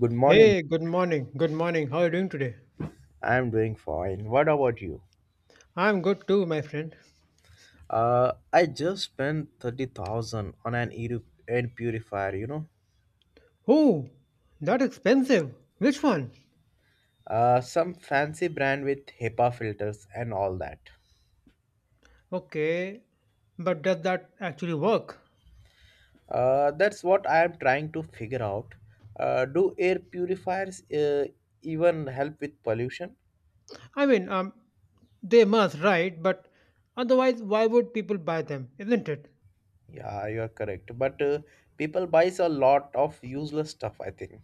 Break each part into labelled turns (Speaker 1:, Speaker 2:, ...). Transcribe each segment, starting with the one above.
Speaker 1: Good morning.
Speaker 2: Hey, good morning. Good morning. How are you doing today?
Speaker 1: I'm doing fine. What about you?
Speaker 2: I'm good too, my friend.
Speaker 1: I just spent 30,000 on an air purifier.
Speaker 2: Oh, that expensive. Which one?
Speaker 1: Some fancy brand with HEPA filters and all that.
Speaker 2: Okay, but does that actually work?
Speaker 1: That's what I am trying to figure out. Do air purifiers even help with pollution?
Speaker 2: I mean, um, they must, right? But otherwise, why would people buy them? Isn't it?
Speaker 1: Yeah, you are correct. But people buys a lot of useless stuff, I think.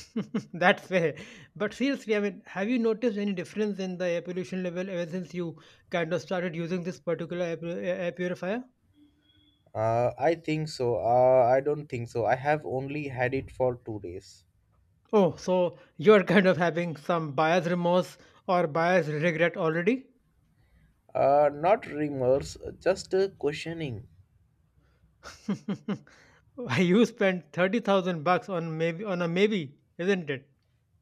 Speaker 2: That's fair. But seriously, I mean, have you noticed any difference in the air pollution level ever since you kind of started using this particular air purifier?
Speaker 1: I think so. I don't think so. I have only had it for 2 days.
Speaker 2: Oh, so you're kind of having some buyer's remorse or buyer's regret already?
Speaker 1: Not remorse, just questioning.
Speaker 2: Why you spent 30,000 bucks on maybe on a maybe, isn't it?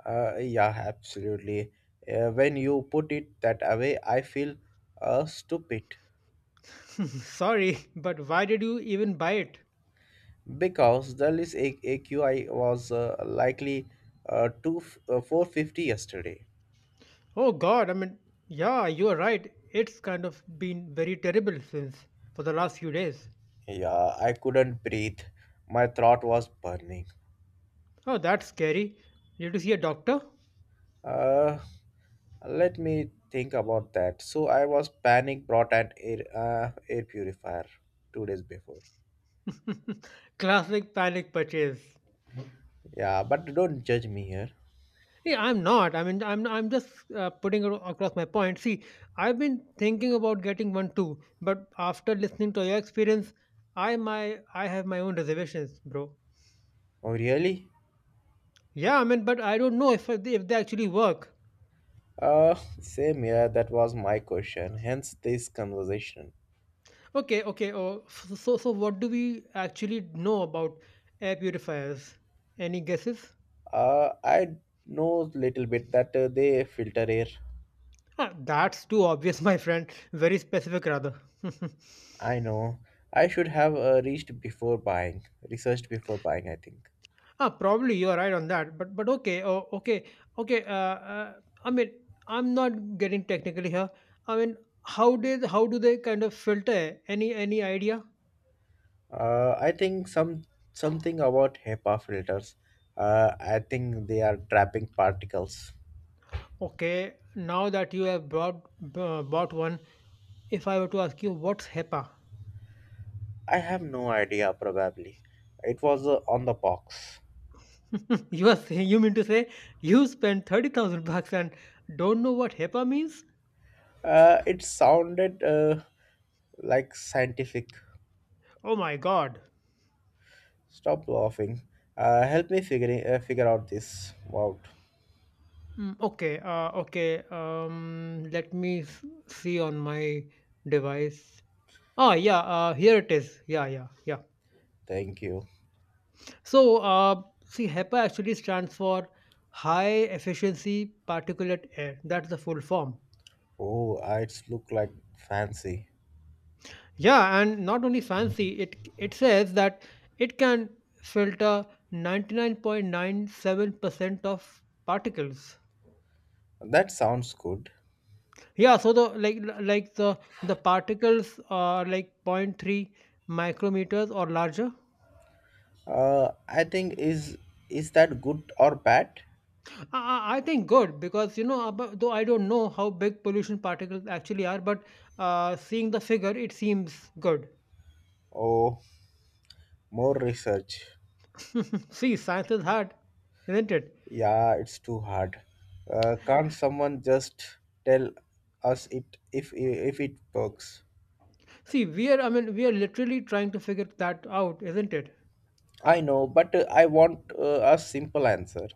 Speaker 1: Yeah, absolutely. When you put it that way, I feel stupid
Speaker 2: Sorry, but why did you even buy it?
Speaker 1: because the AQI was likely 450 yesterday.
Speaker 2: Oh god, I mean, yeah, you're right. It's kind of been very terrible since for the last few days.
Speaker 1: Yeah, I couldn't breathe. My throat was burning.
Speaker 2: Oh, that's scary. Did you see a doctor?
Speaker 1: Uh, Let me think about that. So I was panic brought an air purifier 2 days before.
Speaker 2: Classic panic purchase.
Speaker 1: Yeah, but don't judge me here.
Speaker 2: See, I'm not. I mean, I'm just putting it across my point. See, I've been thinking about getting one too, but after listening to your experience, I have my own reservations, bro.
Speaker 1: Oh, really?
Speaker 2: Yeah, I mean, but I don't know if they actually work.
Speaker 1: Uh, Same here. That was my question. Hence this conversation.
Speaker 2: Okay, okay. So what do we actually know about air purifiers? Any guesses?
Speaker 1: I know little bit that they filter air.
Speaker 2: Ah, that's too obvious, my friend. Very specific, rather.
Speaker 1: I know. I should have researched before buying. I think.
Speaker 2: Ah, probably you are right on that, but okay. I mean, I'm not getting technically here. I mean, how do they kind of filter? Any idea?
Speaker 1: I think something about HEPA filters. I think they are trapping particles.
Speaker 2: Okay, now that you have brought bought one, if I were to ask you what's HEPA,
Speaker 1: I have no idea. Probably, it was on the box.
Speaker 2: you are saying you mean to say you spent 30,000 bucks and don't know what HEPA means?
Speaker 1: It sounded like scientific.
Speaker 2: Oh my god.
Speaker 1: Stop laughing. Help me figuring figure out this out.
Speaker 2: Okay. Let me see on my device. Oh, yeah, here it is. Yeah, yeah, yeah.
Speaker 1: Thank you.
Speaker 2: So, see, HEPA actually stands for High Efficiency Particulate Air. That's the full form.
Speaker 1: Oh, it's look like fancy.
Speaker 2: Yeah, and not only fancy, it says that it can filter 99.97% of particles.
Speaker 1: That sounds good.
Speaker 2: Yeah, so the like the particles are like 0 0.3 micrometers or larger.
Speaker 1: I think is that good or bad?
Speaker 2: I think good because you know, though I don't know how big pollution particles actually are, but seeing the figure, it seems good.
Speaker 1: Oh, more research.
Speaker 2: See, science is hard, isn't it?
Speaker 1: Yeah, it's too hard. Can't someone just tell us it if it works?
Speaker 2: See, we are, I mean, we are literally trying to figure that out, isn't it?
Speaker 1: I know, but I want a simple answer.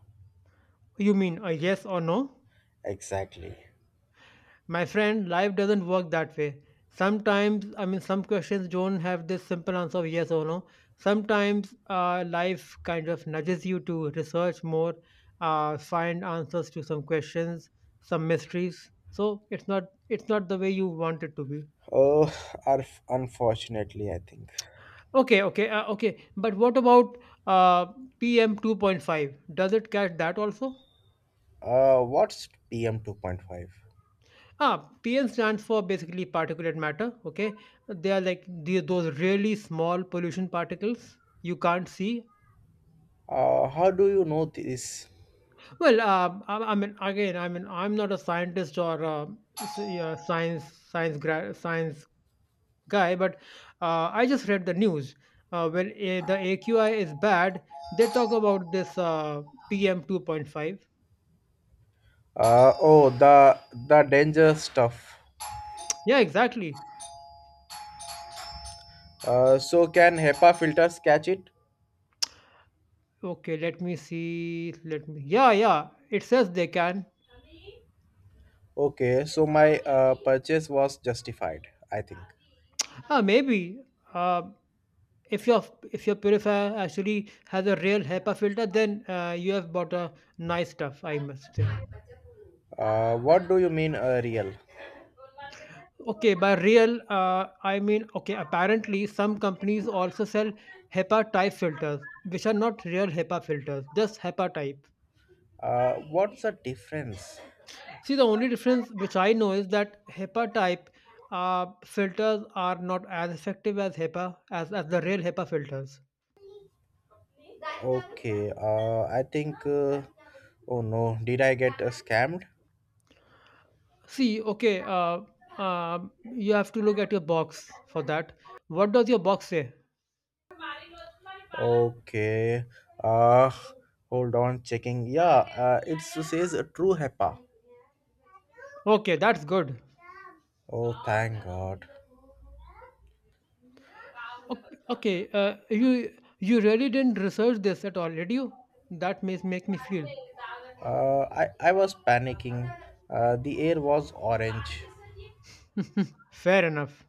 Speaker 2: You mean a yes or no?
Speaker 1: Exactly.
Speaker 2: My friend, life doesn't work that way. Sometimes, I mean, some questions don't have this simple answer of yes or no. Sometimes life kind of nudges you to research more, find answers to some questions, some mysteries. So it's not the way you want it to be.
Speaker 1: Oh, unfortunately, I think.
Speaker 2: Okay. But what about uh, PM 2.5? Does it catch that also?
Speaker 1: What's PM 2.5?
Speaker 2: Ah, PM stands for basically particulate matter. Okay, they are like the, those really small pollution particles you can't see.
Speaker 1: How do you know this?
Speaker 2: Well, I mean, again, I mean, I'm not a scientist or yeah, science guy, but I just read the news. The AQI is bad, they talk about this PM 2.5.
Speaker 1: Oh, the danger stuff.
Speaker 2: Yeah, exactly.
Speaker 1: So can HEPA filters catch it?
Speaker 2: Okay, let me see. Let me. Yeah, yeah. It says they can.
Speaker 1: Okay, so my purchase was justified, I think.
Speaker 2: Ah, maybe. Uh, if your if your purifier actually has a real HEPA filter, then you have bought a nice stuff, I must say.
Speaker 1: What do you mean real?
Speaker 2: Okay, by real, okay. Apparently, some companies also sell HEPA type filters, which are not real HEPA filters, just HEPA type.
Speaker 1: What's the difference?
Speaker 2: See, the only difference which I know is that HEPA type filters are not as effective as HEPA as the real HEPA filters.
Speaker 1: Okay, I think. Oh no, did I get scammed?
Speaker 2: See, you have to look at your box for that. What does your box say?
Speaker 1: Okay, uh, hold on, checking. Yeah, it says true HEPA.
Speaker 2: Okay, that's good.
Speaker 1: Oh, thank God.
Speaker 2: Okay, you really didn't research this at all, did you? That may make me feel
Speaker 1: I was panicking. The air was orange.
Speaker 2: fair enough.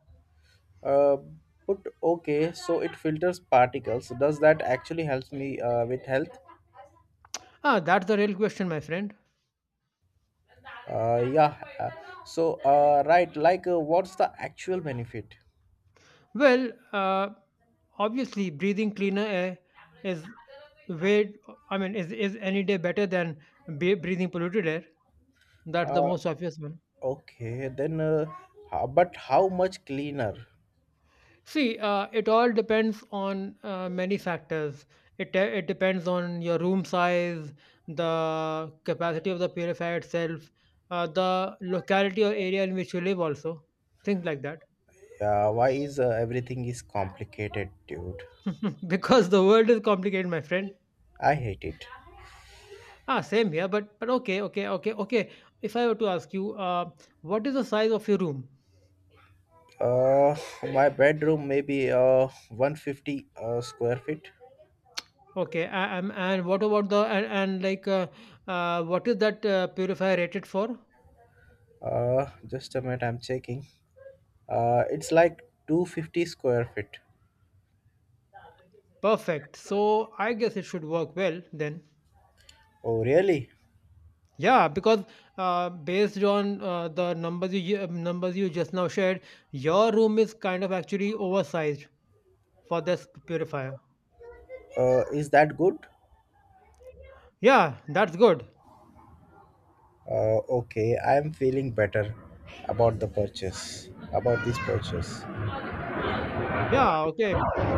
Speaker 1: Uh, but okay, so it filters particles. Does that actually helps me with health?
Speaker 2: Ah, that's the real question, my friend.
Speaker 1: Yeah. So, right, like what's the actual benefit?
Speaker 2: Well, obviously, breathing cleaner air is way. I mean, is any day better than be breathing polluted air? That's the
Speaker 1: Uh,
Speaker 2: most obvious one.
Speaker 1: okay, then, but how much cleaner?
Speaker 2: See, it all depends on many factors. It depends on your room size, the capacity of the purifier itself, the locality or area in which you live, also things like that.
Speaker 1: Why is everything is complicated, dude?
Speaker 2: Because the world is complicated, my friend.
Speaker 1: I hate it.
Speaker 2: Ah, same here. But okay. If I were to ask you, what is the size of your room?
Speaker 1: Uh, my bedroom maybe 150 square feet.
Speaker 2: And what about the and like what is that purifier rated for?
Speaker 1: Just a minute, I'm checking. It's like 250 square feet.
Speaker 2: Perfect. So I guess it should work well then.
Speaker 1: Oh, really?
Speaker 2: Yeah, because based on the numbers you just now shared, your room is kind of actually oversized for this purifier.
Speaker 1: Is that good?
Speaker 2: Yeah, that's good.
Speaker 1: Okay, I'm feeling better about this purchase.
Speaker 2: Yeah, okay,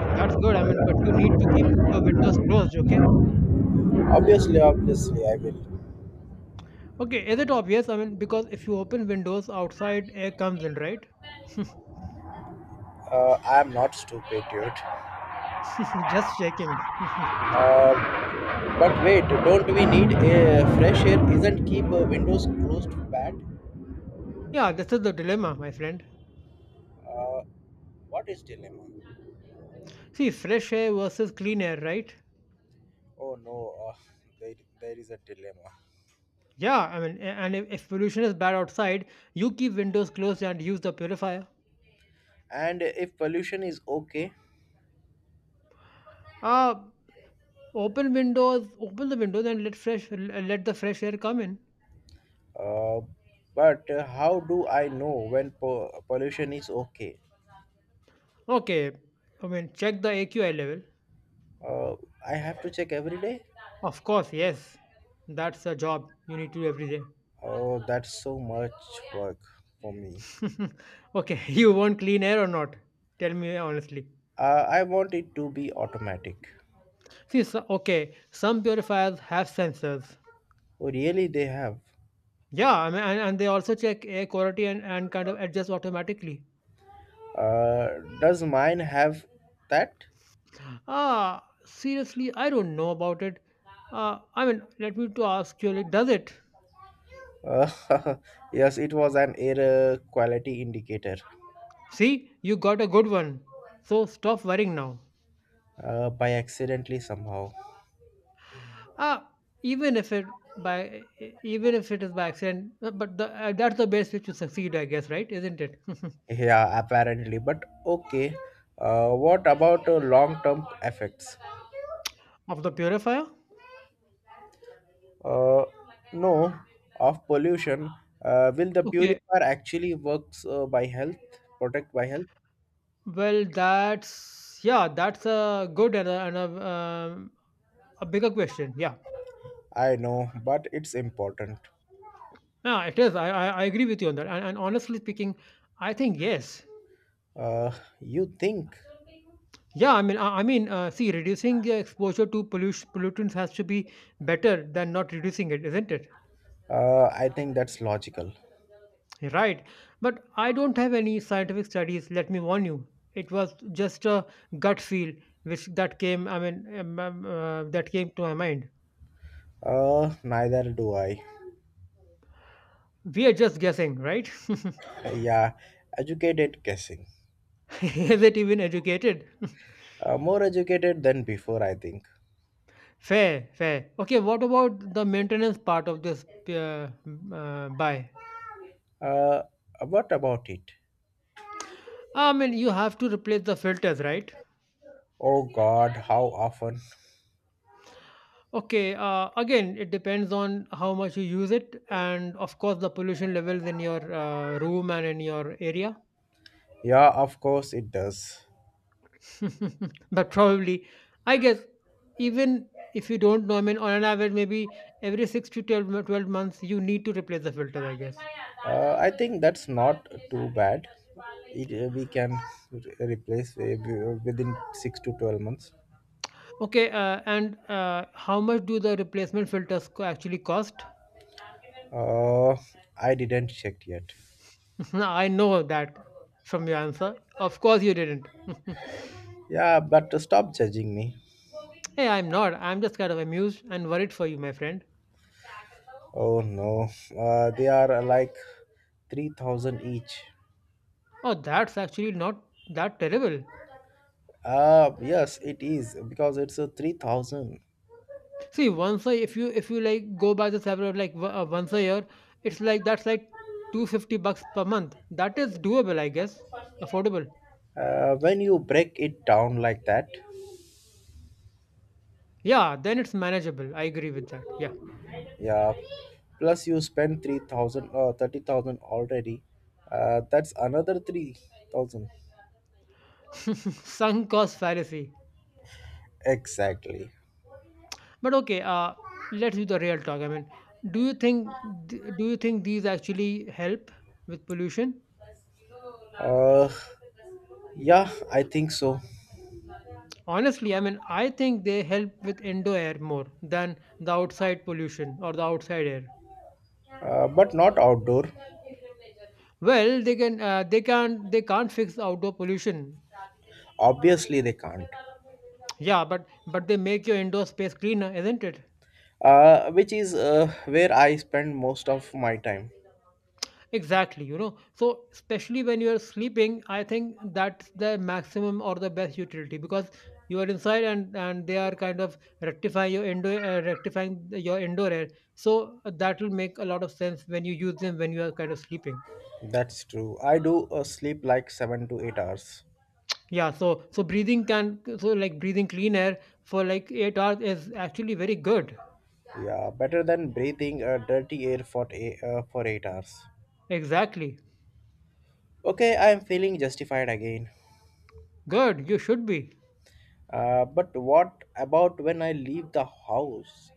Speaker 2: that's good. I mean, but you need to keep your windows closed. Okay.
Speaker 1: Obviously, obviously, I will.
Speaker 2: Okay. Is it obvious? I mean, because if you open windows, outside air comes in, right?
Speaker 1: I'm not stupid, dude.
Speaker 2: Just checking.
Speaker 1: Uh, but wait, don't we need a fresh air? Isn't keep windows closed bad?
Speaker 2: Yeah, this is the dilemma, my friend.
Speaker 1: Uh, what is dilemma?
Speaker 2: See, fresh air versus clean air, right?
Speaker 1: Oh no, there, there is a dilemma.
Speaker 2: Yeah, I mean, and if pollution is bad outside, you keep windows closed and use the purifier.
Speaker 1: And if pollution is okay,
Speaker 2: Uh, open the windows and let the fresh air come in.
Speaker 1: uh, but how do I know when pollution is okay?
Speaker 2: Okay, I mean, check the AQI level.
Speaker 1: Uh, I have to check every day.
Speaker 2: Of course, yes, that's a job you need to do every day.
Speaker 1: Oh, that's so much work for me.
Speaker 2: Okay, you want clean air or not? Tell me honestly.
Speaker 1: I want it to be automatic.
Speaker 2: See, so, okay, some purifiers have sensors.
Speaker 1: Oh, really? They have.
Speaker 2: Yeah, I mean, and they also check air quality and kind of adjust automatically.
Speaker 1: Uh, does mine have that?
Speaker 2: Ah, seriously, I don't know about it. I mean, let me to ask you, like, does it?
Speaker 1: Uh, yes, it was an air quality indicator
Speaker 2: See, you got a good one. So stop worrying now.
Speaker 1: by accidentally somehow.
Speaker 2: Ah, even if it by even if it is by accident, that's the best way to succeed, I guess, right? Isn't it?
Speaker 1: Yeah, apparently. But okay. What about long-term effects?
Speaker 2: Of the purifier.
Speaker 1: Uh, no, of pollution. Will the
Speaker 2: Okay.
Speaker 1: purifier actually works protect by health?
Speaker 2: Well, that's yeah, that's a good and a bigger question. Yeah.
Speaker 1: I know, but it's important.
Speaker 2: Yeah, it is. I agree with you on that. And honestly speaking, I think yes.
Speaker 1: Uh, you think?
Speaker 2: Yeah, I mean, see, reducing the exposure to pollutants has to be better than not reducing it, isn't it?
Speaker 1: I think that's logical.
Speaker 2: Right. But I don't have any scientific studies. Let me warn you, it was just a gut feel which that came. I mean, that came to my mind.
Speaker 1: Neither do I.
Speaker 2: We are just guessing, right?
Speaker 1: Yeah, educated guessing.
Speaker 2: Is it even educated?
Speaker 1: More educated than before, I think.
Speaker 2: Fair, fair. Okay, what about the maintenance part of this buy?
Speaker 1: Uh, what about it?
Speaker 2: I mean, you have to replace the filters, right?
Speaker 1: Oh God, how often?
Speaker 2: Okay, again, it depends on how much you use it, and of course, the pollution levels in your room and in your area.
Speaker 1: Yeah, of course it does.
Speaker 2: But probably, I guess, even if you don't know, I mean, on an average, maybe every six to 12 months, you need to replace the filter, I guess.
Speaker 1: I think that's not too bad. We can replace within 6 to 12 months.
Speaker 2: Okay, and how much do the replacement filters co- actually cost?
Speaker 1: Uh, I didn't check yet.
Speaker 2: I know that from your answer. Of course, you didn't.
Speaker 1: Yeah, but stop judging me.
Speaker 2: Hey, I'm not. I'm just kind of amused and worried for you, my friend.
Speaker 1: Oh no, they are like 3,000 each.
Speaker 2: Oh, that's actually not that terrible.
Speaker 1: Yes, it is because it's a 3,000.
Speaker 2: See, once a if you like go by the salary of like once a year, it's like that's like 250 bucks per month. That is doable, I guess. Affordable.
Speaker 1: When you break it down like that,
Speaker 2: Yeah, then it's manageable. I agree with that. Yeah.
Speaker 1: yeah, plus you spend 3,000 or 30,000 already, that's another 3,000.
Speaker 2: Sunk cost fallacy.
Speaker 1: Exactly.
Speaker 2: But okay, let's do the real talk. I mean, do you think do you think these actually help with pollution?
Speaker 1: Uh, yeah, I think so.
Speaker 2: Honestly, I mean, I think they help with indoor air more than the outside pollution or the outside air.
Speaker 1: But not outdoor.
Speaker 2: Well, they can they can't fix outdoor pollution.
Speaker 1: Obviously, they can't.
Speaker 2: Yeah, but they make your indoor space cleaner, isn't it?
Speaker 1: Which is where I spend most of my time.
Speaker 2: Exactly, you know. So especially when you're sleeping, I think that's the maximum or the best utility because you are inside and they are kind of rectifying your indoor air. So that will make a lot of sense when you use them when you are kind of sleeping.
Speaker 1: That's true. I do sleep like 7 to 8 hours.
Speaker 2: Yeah, so so breathing can so like breathing clean air for like 8 hours is actually very good.
Speaker 1: Yeah, better than breathing dirty air for 8 hours.
Speaker 2: Exactly.
Speaker 1: Okay, I am feeling justified again.
Speaker 2: Good, you should be.
Speaker 1: But what about when I leave the house?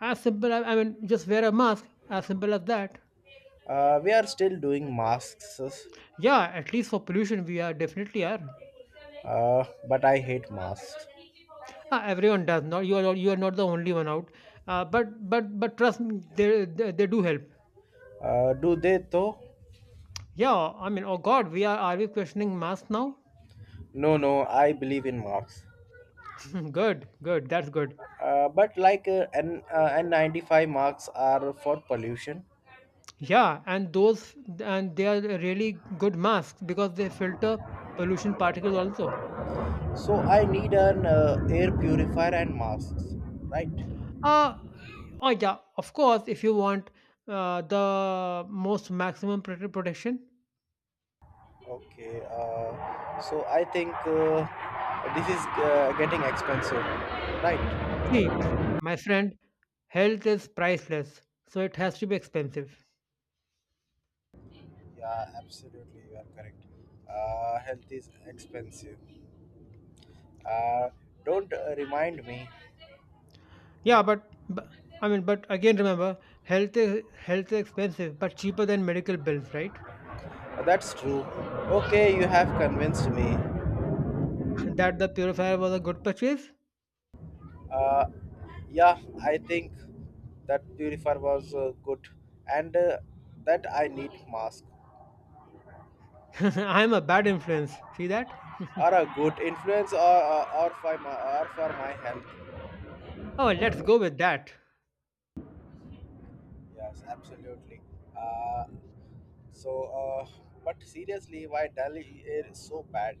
Speaker 2: As simple, I mean, just wear a mask, as simple as that.
Speaker 1: We are still doing masks.
Speaker 2: Yeah, at least for pollution, we are definitely are.
Speaker 1: But I hate masks.
Speaker 2: Ah, everyone does not. You are not the only one out. But trust me, they do help.
Speaker 1: Do they though?
Speaker 2: Yeah, I mean, oh God, we are we questioning masks now?
Speaker 1: No, no, I believe in masks.
Speaker 2: Good, good, that's good.
Speaker 1: But like N95 masks are for pollution.
Speaker 2: Yeah, and those and they are really good masks because they filter pollution particles also.
Speaker 1: So I need an air purifier and masks, right?
Speaker 2: Uh Oh yeah, of course. If you want the most maximum protection,
Speaker 1: Okay, so I think this is getting expensive, right?
Speaker 2: see, my friend, health is priceless, so it has to be expensive.
Speaker 1: Yeah, absolutely, you are correct. Health is expensive. Uh, don't remind me.
Speaker 2: Yeah, but I mean, but again, remember, health is expensive, but cheaper than medical bills, right?
Speaker 1: That's true. Okay, you have convinced me.
Speaker 2: That the purifier was a good purchase.
Speaker 1: Uh, yeah, I think that purifier was good, and that I need mask
Speaker 2: I'm a bad influence. See that?
Speaker 1: are a good influence or for my health.
Speaker 2: Oh, let's go with that.
Speaker 1: Yes, absolutely. Uh, so, uh, but seriously, why Delhi is so bad?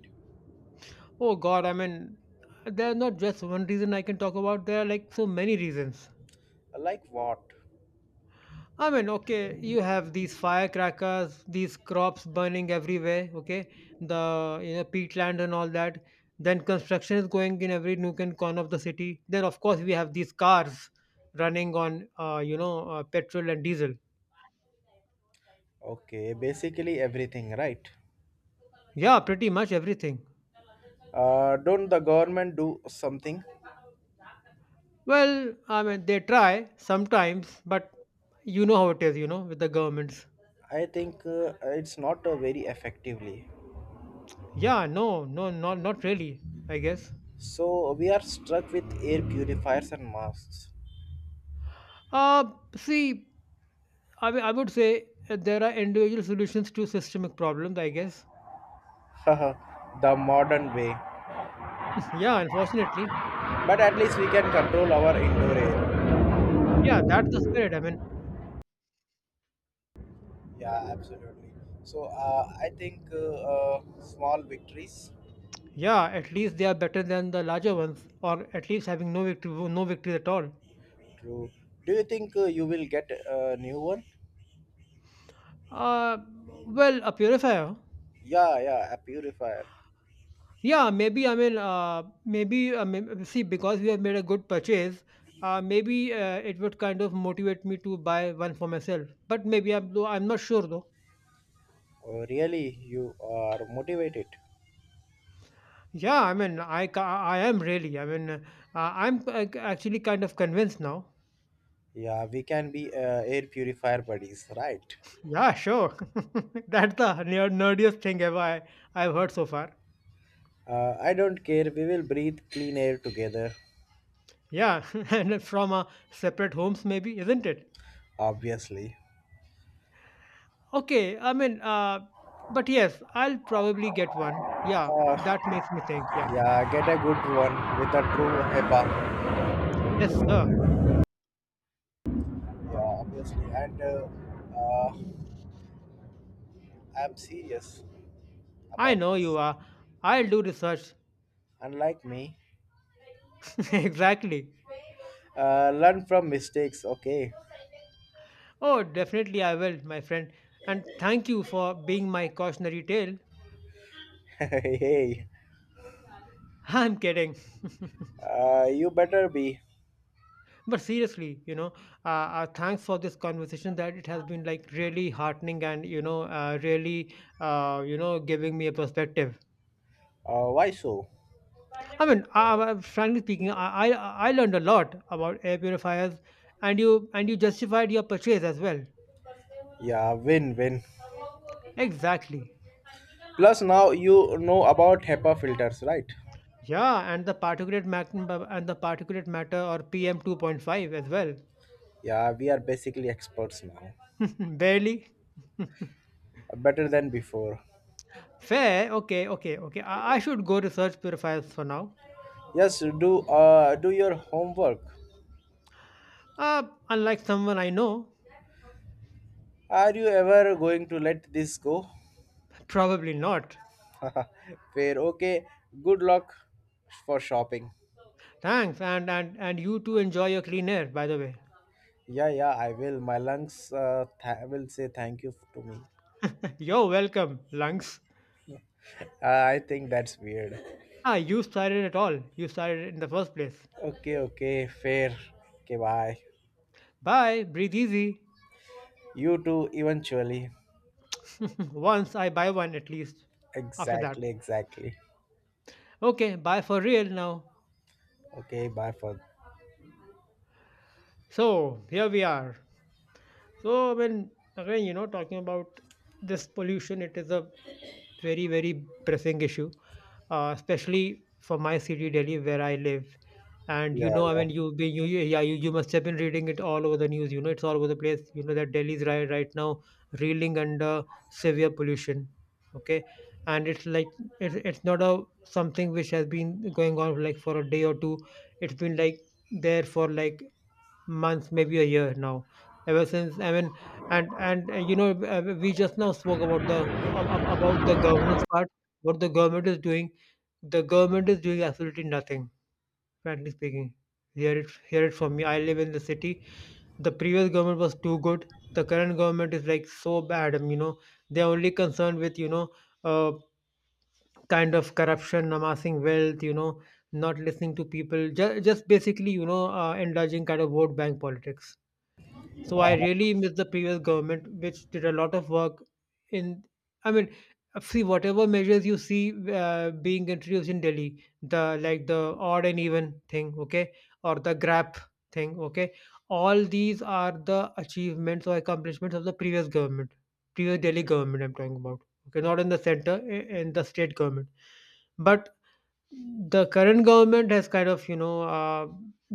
Speaker 2: Oh God, I mean, there are not just one reason I can talk about. There are like so many reasons.
Speaker 1: Like what?
Speaker 2: I mean, okay, you have these firecrackers, these crops burning everywhere, okay, the you know peatland and all that. Then construction is going in every nook and corner of the city. Then of course we have these cars running on you know petrol and diesel.
Speaker 1: Okay, basically everything, right?
Speaker 2: Yeah, pretty much everything.
Speaker 1: Don't the government do something?
Speaker 2: Well, I mean they try sometimes, but you know how it is, you know, with the governments.
Speaker 1: I think it's not very effectively.
Speaker 2: Yeah, no, no, not really, I guess.
Speaker 1: So we are stuck with air purifiers and masks.
Speaker 2: Uh, see. I mean, I would say there are individual solutions to systemic problems, I guess.
Speaker 1: The modern way.
Speaker 2: yeah, unfortunately.
Speaker 1: But at least we can control our indoor air.
Speaker 2: Yeah, that's the spirit. I mean,
Speaker 1: Yeah, absolutely. So I think small victories.
Speaker 2: yeah, at least they are better than the larger ones, or at least having no victory, no victory at all.
Speaker 1: True. Do you think you will get a new one?
Speaker 2: Uh, well, a purifier.
Speaker 1: Yeah, yeah, a purifier.
Speaker 2: Yeah, maybe. I mean, maybe. I mean, see, because we have made a good purchase, maybe it would kind of motivate me to buy one for myself. But maybe I'm not sure though.
Speaker 1: Oh, really, you are motivated.
Speaker 2: Yeah, I mean, I am really. I mean, I'm actually kind of convinced now.
Speaker 1: Yeah, we can be air purifier buddies, right?
Speaker 2: Yeah, sure. That's the nerdiest thing ever I've heard so far.
Speaker 1: I don't care. We will breathe clean air together,
Speaker 2: Yeah, and from separate homes, maybe, isn't it?
Speaker 1: obviously.
Speaker 2: Okay, I mean, but yes, I'll probably get one. Yeah,
Speaker 1: Uh,
Speaker 2: that makes me think. Yeah.
Speaker 1: yeah, get a good one with a true HEPA.
Speaker 2: Yes, sir.
Speaker 1: Yeah, obviously. And uh, I'm serious
Speaker 2: I
Speaker 1: about
Speaker 2: know you
Speaker 1: this.
Speaker 2: are. I'll do research.
Speaker 1: Unlike me,
Speaker 2: exactly.
Speaker 1: learn from mistakes, okay?
Speaker 2: Oh, definitely I will, my friend. And thank you for being my cautionary tale.
Speaker 1: Hey,
Speaker 2: I'm kidding.
Speaker 1: you better be.
Speaker 2: But seriously, you know, thanks for this conversation. That it has been like really heartening and, you know, really, you know, giving me a perspective.
Speaker 1: Why so?
Speaker 2: I mean, frankly speaking, I learned a lot about air purifiers and you justified your purchase as well.
Speaker 1: Yeah, win win.
Speaker 2: Exactly.
Speaker 1: Plus, now you know about HEPA filters, right?
Speaker 2: Yeah. And the particulate matter and the particulate matter or PM 2.5 as well.
Speaker 1: Yeah, we are basically experts now,
Speaker 2: Barely.
Speaker 1: better than before.
Speaker 2: Fair. Okay. Okay. Okay. I should go research purifiers for now.
Speaker 1: Yes, do your homework.
Speaker 2: Uh, unlike someone I know,
Speaker 1: Are you ever going to let this go?
Speaker 2: probably not.
Speaker 1: Fair, okay. Good luck for shopping.
Speaker 2: Thanks, and you too enjoy your clean air, by the way.
Speaker 1: Yeah, yeah, I will. My lungs will say thank you to me.
Speaker 2: You're welcome, lungs.
Speaker 1: I think that's weird.
Speaker 2: Ah, you started it all. You started it in the first place.
Speaker 1: Okay, okay, fair. Okay, bye.
Speaker 2: Bye, breathe easy.
Speaker 1: You too, eventually.
Speaker 2: Once I buy one at least. After that.
Speaker 1: Exactly, exactly.
Speaker 2: Okay, bye for real now.
Speaker 1: Okay, bye for.
Speaker 2: So, here we are. So when again, you know, talking about this pollution, it is a very, very pressing issue, especially for my city, Delhi, where I live. And you
Speaker 1: Yeah,
Speaker 2: know, I
Speaker 1: yeah,
Speaker 2: mean, you be you, you- yeah, you must have been reading it all over the news. You know, it's all over the place. You know that Delhi's right now reeling under severe pollution. Okay, and it's like it's not a something which has been going on like for a day or two. It's been like there for like months, maybe a year now. Ever since, I mean, and you know, we just now spoke about the about the governance part. What the government is doing, the government is doing absolutely nothing. Frankly speaking, hear it from me. I live in the city. The previous government was too good. The current government is like so bad. You know, they're only concerned with you know, uh, kind of corruption, amassing wealth. You know, not listening to people. Just basically you know, indulging kind of vote bank politics. So I really miss the previous government, which did a lot of work in. I mean, see whatever measures you see being introduced in Delhi, the like the odd and even thing, okay, or the grab thing, okay. All these are the achievements or accomplishments of the previous government, previous Delhi government. I'm talking about, okay, not in the center, in the state government. But the current government has kind of you know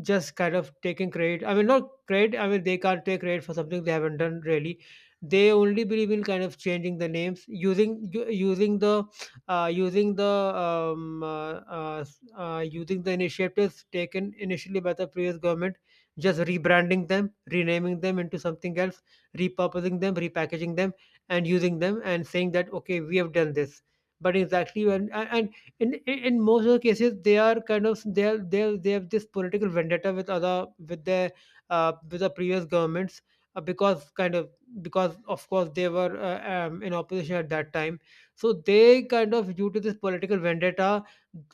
Speaker 2: just kind of taken credit I mean not credit I mean they can't take credit for something they haven't done really they only believe in kind of changing the names using the using the initiatives taken initially by the previous government just rebranding them renaming them into something else repurposing them repackaging them and using them and saying that okay we have done this but exactly when and in most of the cases they are kind of they are, they have this political vendetta with other with their with the previous governments because kind of because of course they were in opposition at that time so they kind of due to this political vendetta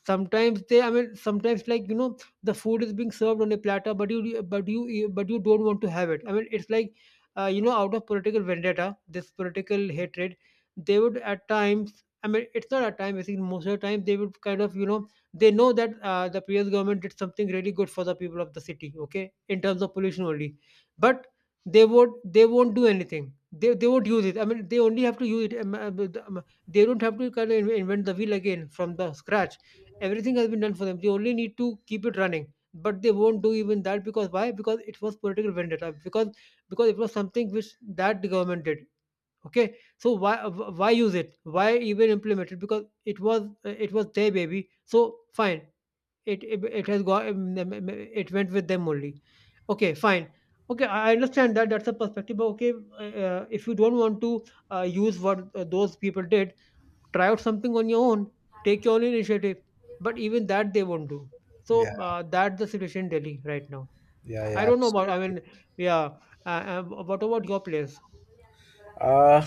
Speaker 2: sometimes they I mean sometimes like you know the food is being served on a platter but you don't want to have it I mean it's like you know out of political vendetta this political hatred they would at times I mean it's not at times I think most of the time they would kind of you know they know that the previous government did something really good for the people of the city okay in terms of pollution only but they won't do anything they won't use it I mean they only have to use it they don't have to kind of invent the wheel again from the scratch everything has been done for them they only need to keep it running but they won't do even that because why because it was political vendetta because it was something which that the government did okay so why use it why even implement it because it was their baby so fine it has got it went with them only okay fine okay I understand that that's a perspective but okay if you don't want to use what those people did try out something on your own, take your own initiative. But even that they won't do.
Speaker 1: yeah,
Speaker 2: So that's the situation in Delhi right now.
Speaker 1: yeah, yeah,
Speaker 2: I don't know about. I
Speaker 1: absolutely.
Speaker 2: mean, yeah. What about your place?
Speaker 1: Uh,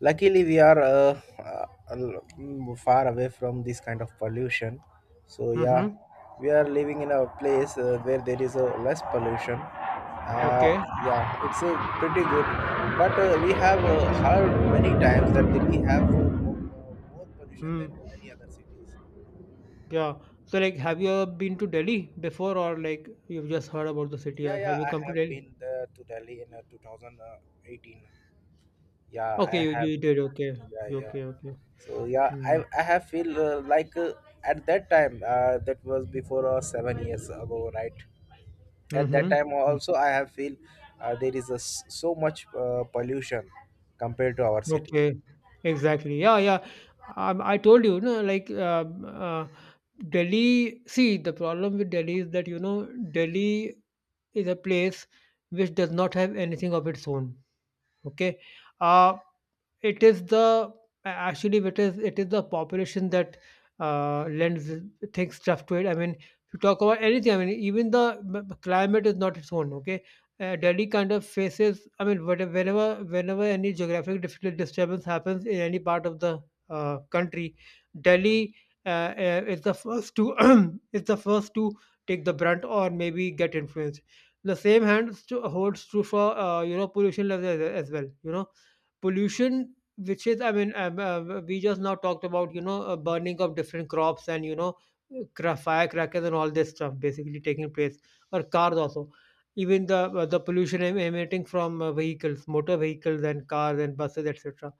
Speaker 1: Luckily, we are far away from this kind of pollution. So yeah,
Speaker 2: Mm-hmm.
Speaker 1: we are living in a place where there is a less pollution. Uh,
Speaker 2: Okay.
Speaker 1: yeah, it's pretty good. But we have heard many times that we have more pollution than
Speaker 2: Mm.
Speaker 1: any other cities.
Speaker 2: Yeah. So like, have you ever been to Delhi before, or like you've just heard about the city,
Speaker 1: Yeah,
Speaker 2: or have
Speaker 1: yeah,
Speaker 2: you
Speaker 1: I
Speaker 2: come to
Speaker 1: have
Speaker 2: Delhi?
Speaker 1: been there to Delhi in 2018. Yeah, I
Speaker 2: Okay,
Speaker 1: have.
Speaker 2: you did. Okay.
Speaker 1: Yeah,
Speaker 2: You-
Speaker 1: yeah.
Speaker 2: Okay. Okay.
Speaker 1: So yeah, i
Speaker 2: Mm.
Speaker 1: i have feel like at that time that was before 7 years ago, right? At that
Speaker 2: Mm-hmm.
Speaker 1: time
Speaker 2: Hmm.
Speaker 1: also I have feel, there is a so much pollution compared to our city.
Speaker 2: Okay, exactly. Yeah, yeah. I told you, no, like Delhi. See, the problem with Delhi is that you know Delhi is a place which does not have anything of its own. Okay. Uh, it is the actually it is the population that lends things stuff to it. I mean, if you talk about anything, I mean, even the climate is not its own. Okay, Delhi kind of faces. I mean, whatever, whenever any geographic difficult disturbance happens in any part of the country, Delhi uh, is the first to is the first to take the brunt or maybe get influenced the same hands to, holds true for you know pollution levels as well you know pollution which is I mean we just now talked about you know burning of different crops and you know firecrackers and all this stuff basically taking place or cars also even the pollution emanating from vehicles motor vehicles and cars and buses etc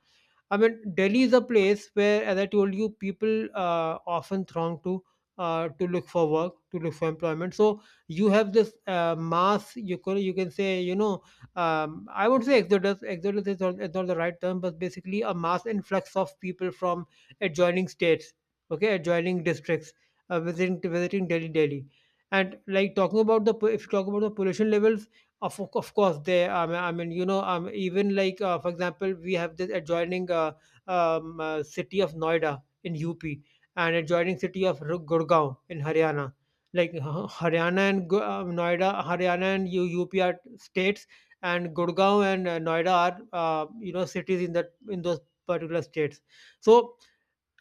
Speaker 2: I mean, Delhi is a place where, as I told you, people often throng to look for work, to look for employment. So you have this mass. You can say you know I won't say exodus. Is not the right term, but basically a mass influx of people from adjoining states, okay, adjoining districts, visiting Delhi, Delhi. And, like, talking about if you talk about the pollution levels, of course they, I mean, even like, for example, we have this adjoining city of Noida in UP, and adjoining city of Gurgaon in Haryana. Like Haryana and Gu- noida Haryana and UP are states, and Gurgaon and Noida are, cities in that in those particular states. So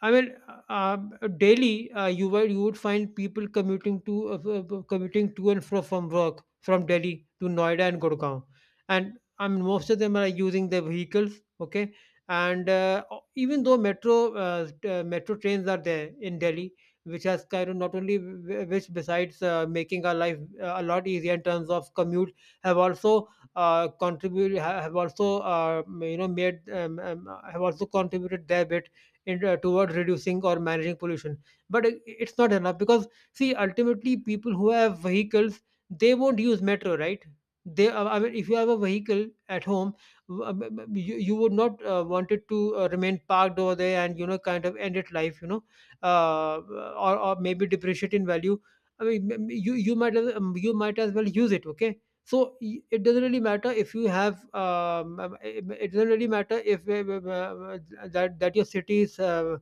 Speaker 2: I mean, uh, daily, you would find people commuting to commuting to and fro from work from Delhi to Noida and Gurgaon, and I mean most of them are using their vehicles. Okay, and even though metro metro trains are there in Delhi, which has kind of not only which, besides making our life a lot easier in terms of commute, have also contributed have also you know made have also contributed their bit towards reducing or managing pollution. But it's not enough, because, see, ultimately people who have vehicles, they won't use metro, right? they I mean, if you have a vehicle at home, you would not want it to remain parked over there and kind of end its life. uh, or maybe depreciate in value. You might you might as well use it, okay? So it doesn't really matter if you have it doesn't really matter if that your city is,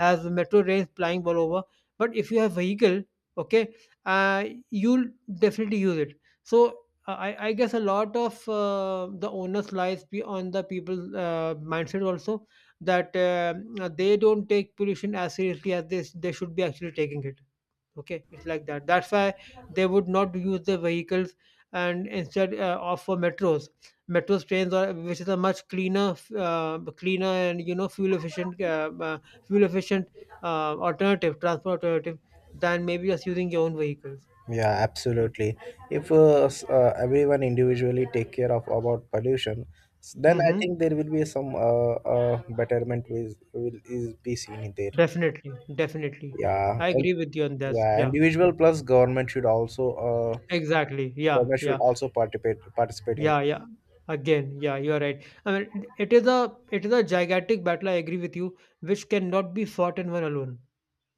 Speaker 2: has metro rails flying all over. But if you have vehicle, okay, uh, you'll definitely use it. So I guess a lot of the onus lies be on the people's mindset also, that they don't take pollution as seriously as they should be actually taking it. Okay, it's like that. That's why they would not use the vehicles, and instead opt for metros, metros trains, or which is a much cleaner and fuel efficient alternative transport alternative, than maybe just using your own vehicles.
Speaker 1: Yeah,
Speaker 2: Yeah.
Speaker 1: absolutely. If everyone individually take care of about pollution, then I
Speaker 2: Mm-hmm.
Speaker 1: think there will be some betterment will is be seen there.
Speaker 2: Definitely, definitely.
Speaker 1: Yeah.
Speaker 2: I agree with you on this.
Speaker 1: Yeah,
Speaker 2: Yeah, yeah.
Speaker 1: individual plus government should also uh,
Speaker 2: Exactly. Yeah.
Speaker 1: government should
Speaker 2: Yeah.
Speaker 1: also participate in
Speaker 2: Yeah,
Speaker 1: this.
Speaker 2: yeah. Again, yeah, you are right. I mean, it is a gigantic battle. I agree with you, which cannot be fought in one alone.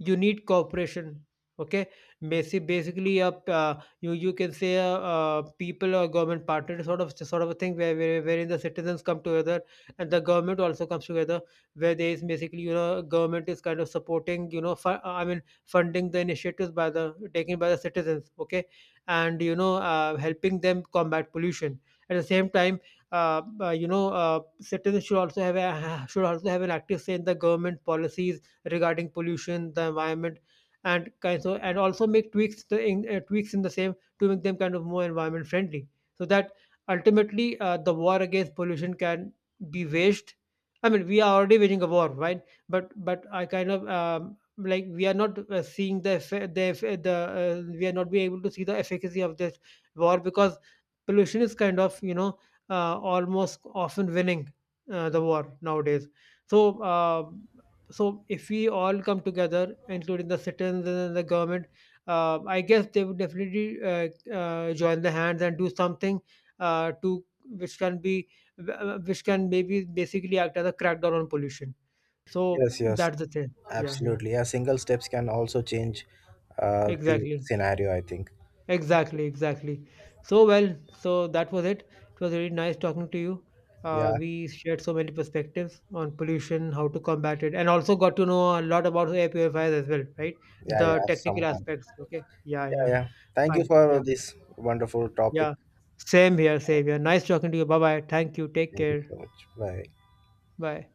Speaker 2: You need cooperation, okay. Basically, you can say people or government partner, sort of a thing, wherein the citizens come together, and the government also comes together, where there is basically, government is kind of supporting, funding the initiatives by the taken by the citizens, okay, and helping them combat pollution at the same time. Citizens should also have a, should also have an active say in the government policies regarding pollution, the environment, and kind so and also make tweaks in the same to make them kind of more environment friendly, so that ultimately the war against pollution can be waged. I mean, we are already waging a war, right? But I kind of, like, we are not seeing the we are not being able to see the efficacy of this war, because pollution is kind of, almost often winning the war nowadays. So. So if we all come together, including the citizens and the government, I guess they would definitely join the hands and do something, to which can be, which can maybe basically act as a crackdown on pollution. So
Speaker 1: Yes, yes,
Speaker 2: that's the thing. Yeah, yeah,
Speaker 1: absolutely. Yeah, single steps can also change the
Speaker 2: exactly.
Speaker 1: scenario. I think.
Speaker 2: Exactly, exactly. So, well, so that was it. It was really nice talking to you.
Speaker 1: Yeah,
Speaker 2: We shared so many perspectives on pollution, how to combat it, and also got to know a lot about air purifiers as well, right?
Speaker 1: yeah, yeah.
Speaker 2: The technical
Speaker 1: Somehow.
Speaker 2: aspects. Okay. Yeah,
Speaker 1: Yeah,
Speaker 2: yeah.
Speaker 1: yeah. Thank you
Speaker 2: Fine.
Speaker 1: for
Speaker 2: Yeah,
Speaker 1: this wonderful topic.
Speaker 2: yeah. Same here, same here. Nice talking to you. Bye bye. Thank you. Take
Speaker 1: Thank you
Speaker 2: care.
Speaker 1: so much. Bye.
Speaker 2: Bye.